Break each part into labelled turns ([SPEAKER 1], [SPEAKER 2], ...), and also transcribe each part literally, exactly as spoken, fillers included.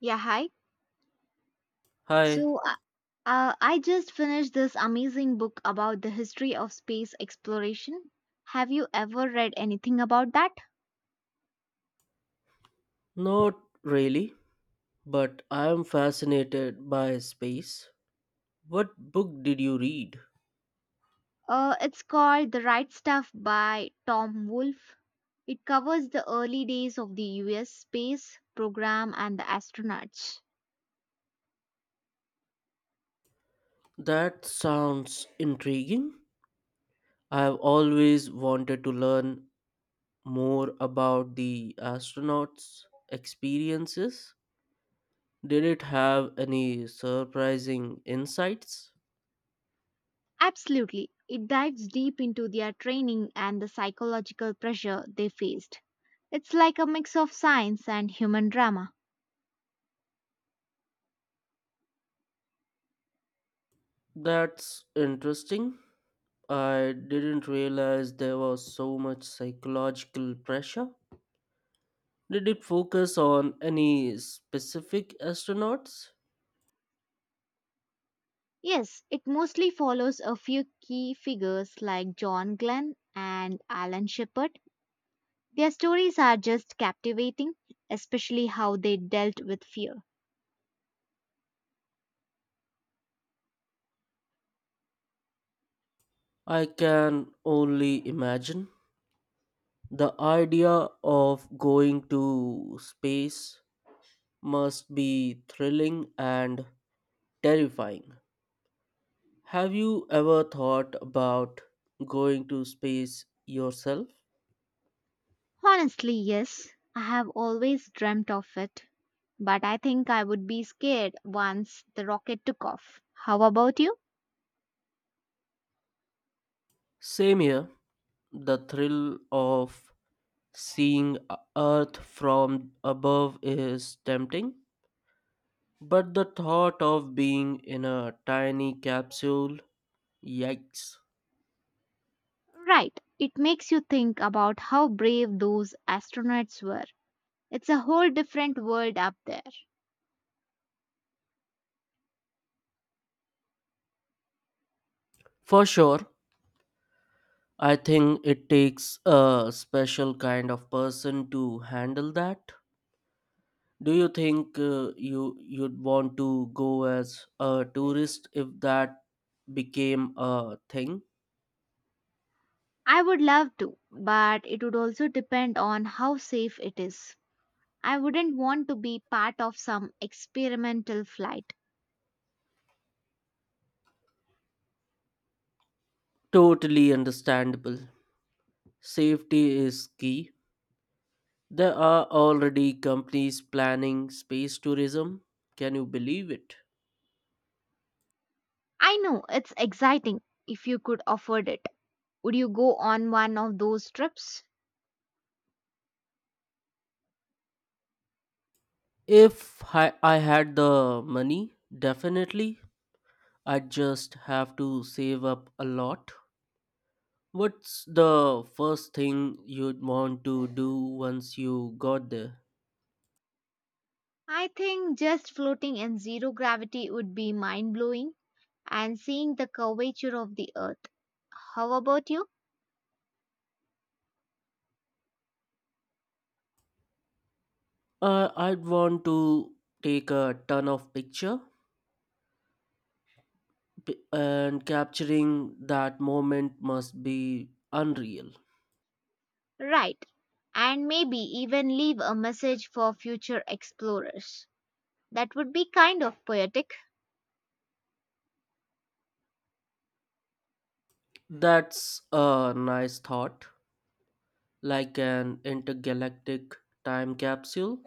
[SPEAKER 1] Yeah, hi.
[SPEAKER 2] Hi,
[SPEAKER 1] So uh, uh, I just finished this amazing book about the history of space exploration. Have you ever read anything about that?
[SPEAKER 2] not really, but I am fascinated by space. What book did you read?
[SPEAKER 1] Uh, it's called The Right Stuff by Tom Wolfe. It covers the early days of the U S space program and the astronauts.
[SPEAKER 2] That sounds intriguing. I have always wanted to learn more about the astronauts' experiences. Did it have any surprising insights?
[SPEAKER 1] Absolutely. It dives deep into their training and the psychological pressure they faced. It's like a mix of science and human drama.
[SPEAKER 2] That's interesting. I didn't realize there was so much psychological pressure. Did it focus on any specific astronauts?
[SPEAKER 1] Yes, it mostly follows a few key figures like John Glenn and Alan Shepard. Their stories are just captivating, especially how they dealt with fear.
[SPEAKER 2] I can only imagine. The idea of going to space must be thrilling and terrifying. Have you ever thought about going to space yourself?
[SPEAKER 1] Honestly, yes, I have always dreamt of it, but I think I would be scared once the rocket took off. How about you?
[SPEAKER 2] Same here. The thrill of seeing E-, Earth from above is tempting, but the thought of being in a tiny capsule, yikes.
[SPEAKER 1] Right, it makes you think about how brave those astronauts were. It's a whole different world up there.
[SPEAKER 2] For sure, I think it takes a special kind of person to handle that. Do you think uh, you you'd want to go as a tourist if that became a thing?
[SPEAKER 1] I would love to, but it would also depend on how safe it is. I wouldn't want to be part of some experimental flight.
[SPEAKER 2] Totally understandable. Safety is key. There are already companies planning space tourism. Can you believe it?
[SPEAKER 1] I know it's exciting if you could afford it. Would you go on one of those trips?
[SPEAKER 2] If I, I had the money, definitely. I'd just have to save up a lot. What's the first thing you'd want to do once you got there?
[SPEAKER 1] I think just floating in zero gravity would be mind blowing and seeing the curvature of the earth. How about you?
[SPEAKER 2] Uh, I'd want to take a ton of picture p- and capturing that moment must be unreal.
[SPEAKER 1] Right. And maybe even leave a message for future explorers. That would be kind of poetic.
[SPEAKER 2] That's a nice thought, like an intergalactic time capsule.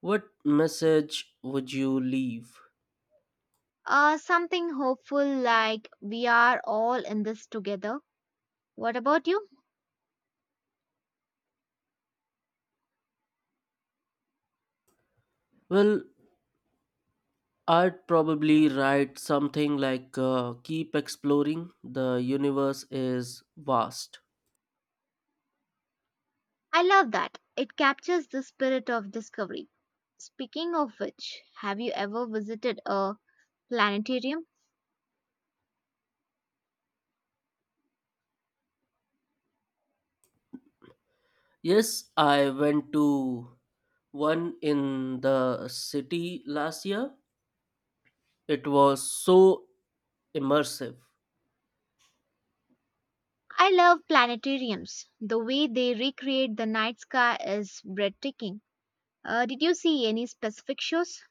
[SPEAKER 2] What message would you leave?
[SPEAKER 1] Uh, something hopeful like we are all in this together. What about you?
[SPEAKER 2] Well, I'd probably write something like uh, keep exploring, the universe is vast.
[SPEAKER 1] I love that. It captures the spirit of discovery. Speaking of which, have you ever visited a planetarium?
[SPEAKER 2] Yes, I went to one in the city last year. It was so immersive.
[SPEAKER 1] I love planetariums. The way they recreate the night sky is breathtaking. Uh, did you see any specific shows?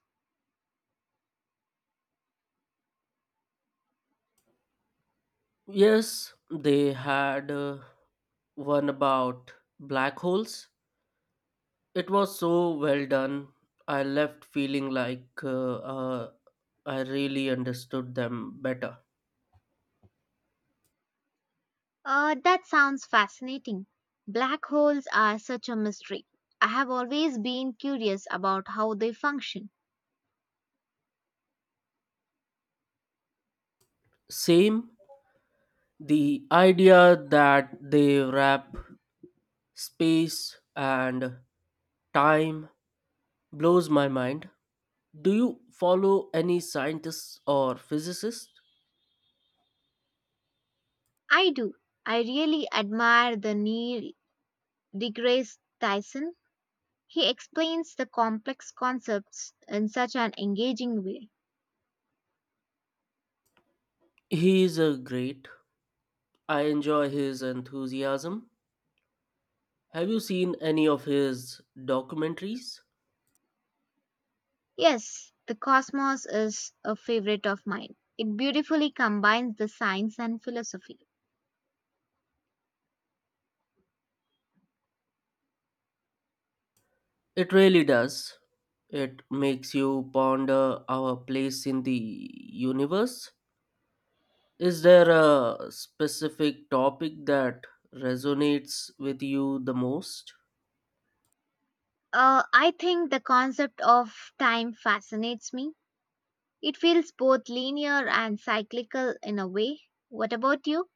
[SPEAKER 2] Yes, they had uh, one about black holes. It was so well done. I left feeling like uh, uh, I really understood them better.
[SPEAKER 1] Uh, that sounds fascinating. Black holes are such a mystery. I have always been curious about how they function.
[SPEAKER 2] Same. The idea that they wrap space and time blows my mind. Do you follow any scientists or physicists?
[SPEAKER 1] I do. I really admire the Neil deGrasse Tyson. He explains the complex concepts in such an engaging way.
[SPEAKER 2] He is a great. I enjoy his enthusiasm. Have you seen any of his documentaries?
[SPEAKER 1] Yes, the cosmos is a favorite of mine. It beautifully combines the science and philosophy.
[SPEAKER 2] It really does. It makes you ponder our place in the universe. Is there a specific topic that resonates with you the most?
[SPEAKER 1] Uh, I think the concept of time fascinates me. It feels both linear and cyclical in a way. What about you?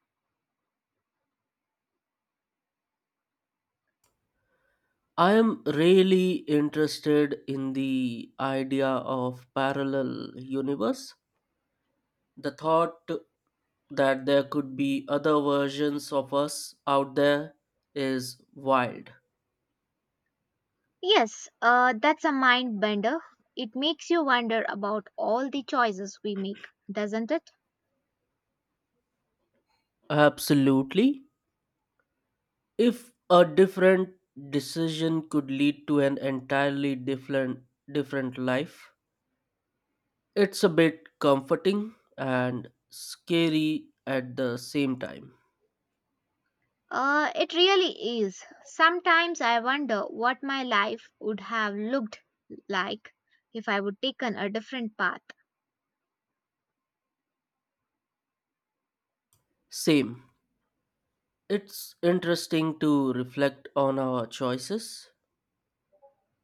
[SPEAKER 2] I am really interested in the idea of parallel universe. The thought that there could be other versions of us out there is wild.
[SPEAKER 1] Yes, uh, that's a mind bender. It makes you wonder about all the choices we make, doesn't it?
[SPEAKER 2] Absolutely. If a different decision could lead to an entirely different different life, it's a bit comforting and scary at the same time.
[SPEAKER 1] Uh, it really is. Sometimes I wonder what my life would have looked like if I would taken a different path.
[SPEAKER 2] Same. It's interesting to reflect on our choices.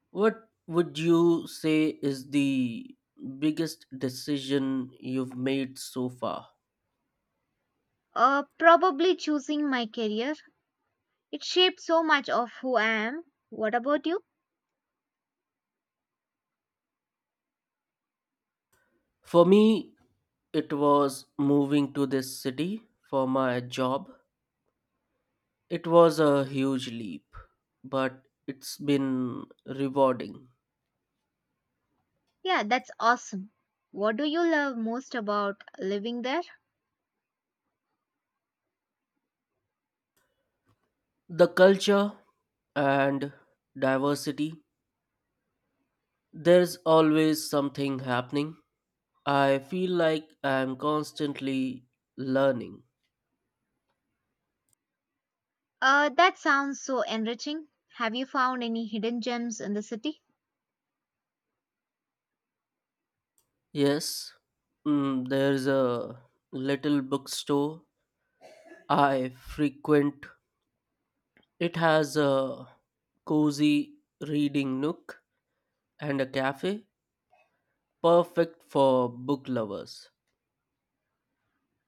[SPEAKER 2] What would you say is the biggest decision you've made so far?
[SPEAKER 1] Uh, probably choosing my career. It shaped so much of who I am. What about you?
[SPEAKER 2] For me, it was moving to this city for my job. It was a huge leap, but it's been rewarding.
[SPEAKER 1] Yeah, that's awesome. What do you love most about living there?
[SPEAKER 2] The culture and diversity. There's always something happening. I feel like I'm constantly learning.
[SPEAKER 1] Uh, that sounds so enriching. Have you found any hidden gems in the city?
[SPEAKER 2] Yes, mm, there's a little bookstore I frequent. It has a cozy reading nook and a cafe, perfect for book lovers.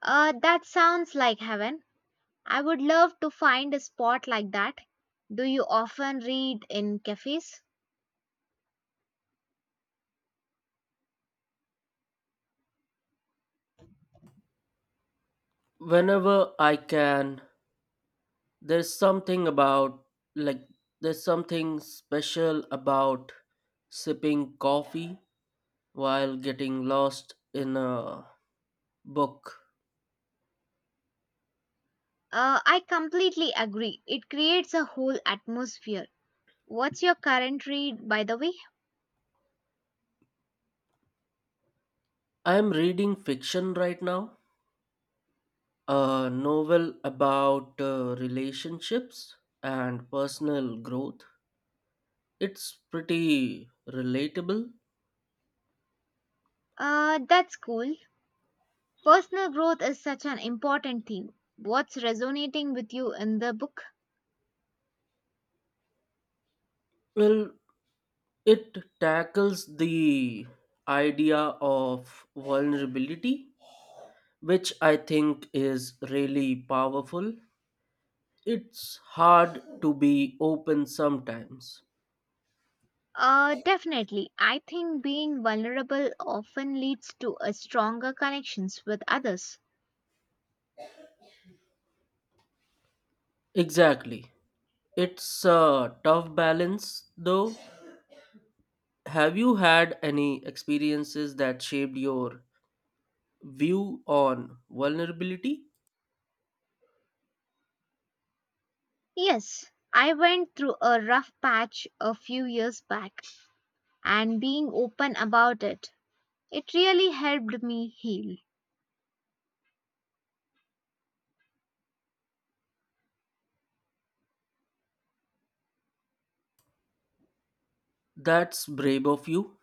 [SPEAKER 1] Uh, that sounds like heaven. I would love to find a spot like that. Do you often read in cafes?
[SPEAKER 2] Whenever I can, there's something about, like, there's something special about sipping coffee while getting lost in a book.
[SPEAKER 1] Uh, I completely agree. It creates a whole atmosphere. What's your current read, by the way?
[SPEAKER 2] I am reading fiction right now, a novel about uh, relationships and personal growth. It's pretty relatable.
[SPEAKER 1] Uh, that's cool. Personal growth is such an important theme. What's resonating with you in the book?
[SPEAKER 2] Well, it tackles the idea of vulnerability, which I think is really powerful. It's hard to be open sometimes.
[SPEAKER 1] Uh, definitely. I think being vulnerable often leads to a stronger connections with others.
[SPEAKER 2] Exactly. It's a tough balance though. Have you had any experiences that shaped your view on vulnerability?
[SPEAKER 1] Yes, I went through a rough patch a few years back, and being open about it, it really helped me heal.
[SPEAKER 2] That's brave of you.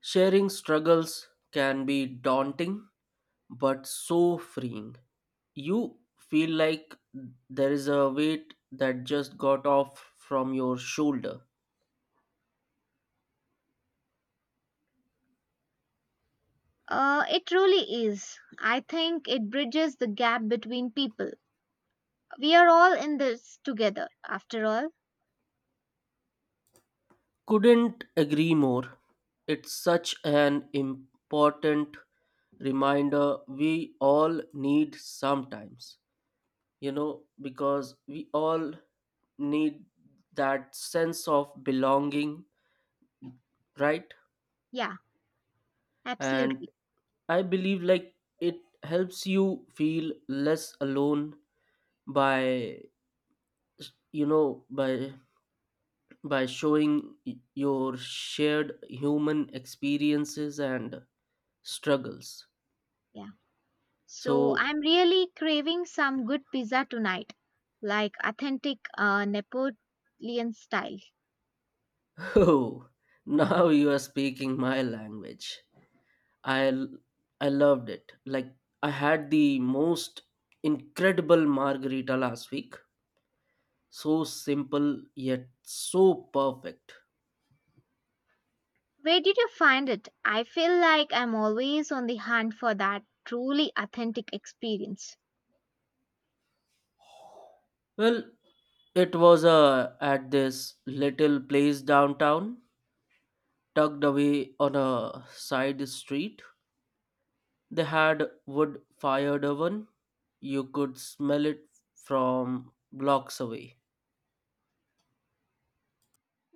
[SPEAKER 2] Sharing struggles can be daunting but so freeing. You feel like there is a weight that just got off from your shoulder.
[SPEAKER 1] Uh, it really is. I think it bridges the gap between people. We are all in this together, after all.
[SPEAKER 2] Couldn't agree more. It's such an important reminder we all need sometimes, you know, because we all need that sense of belonging, right?
[SPEAKER 1] Yeah,
[SPEAKER 2] And
[SPEAKER 1] absolutely.
[SPEAKER 2] I believe like it helps you feel less alone by you know by by showing y- your shared human experiences and struggles.
[SPEAKER 1] Yeah. So
[SPEAKER 2] So,
[SPEAKER 1] I'm really craving some good pizza tonight, like authentic uh, Napoleon style.
[SPEAKER 2] oh, now you are speaking my language. I l- I loved it. Like I had the most incredible margarita last week. So simple yet so perfect.
[SPEAKER 1] Where did you find it? I feel like I'm always on the hunt for that truly authentic experience.
[SPEAKER 2] Well, it was uh, at this little place downtown, tucked away on a side street. They had wood fired oven. You could smell it from blocks away.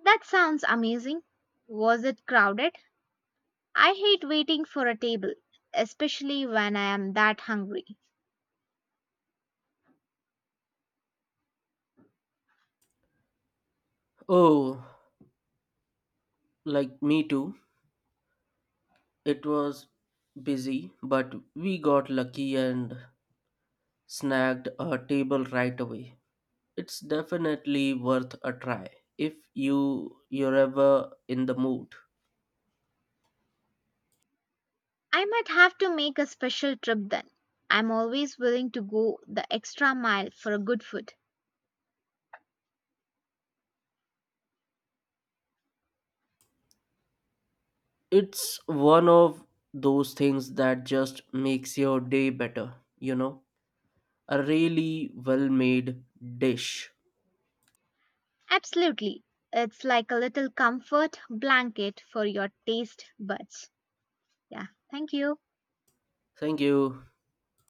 [SPEAKER 1] That sounds amazing. Was it crowded? I hate waiting for a table, especially when I am that hungry.
[SPEAKER 2] Oh, like me too. It was busy, but we got lucky and snagged a table right away. It's definitely worth a try if you you're ever in the mood.
[SPEAKER 1] I might have to make a special trip then. I'm always willing to go the extra mile for a good food.
[SPEAKER 2] It's one of those things that just makes your day better, you know. A really well-made dish.
[SPEAKER 1] Absolutely. It's like a little comfort blanket for your taste buds. Yeah, thank you.
[SPEAKER 2] Thank you.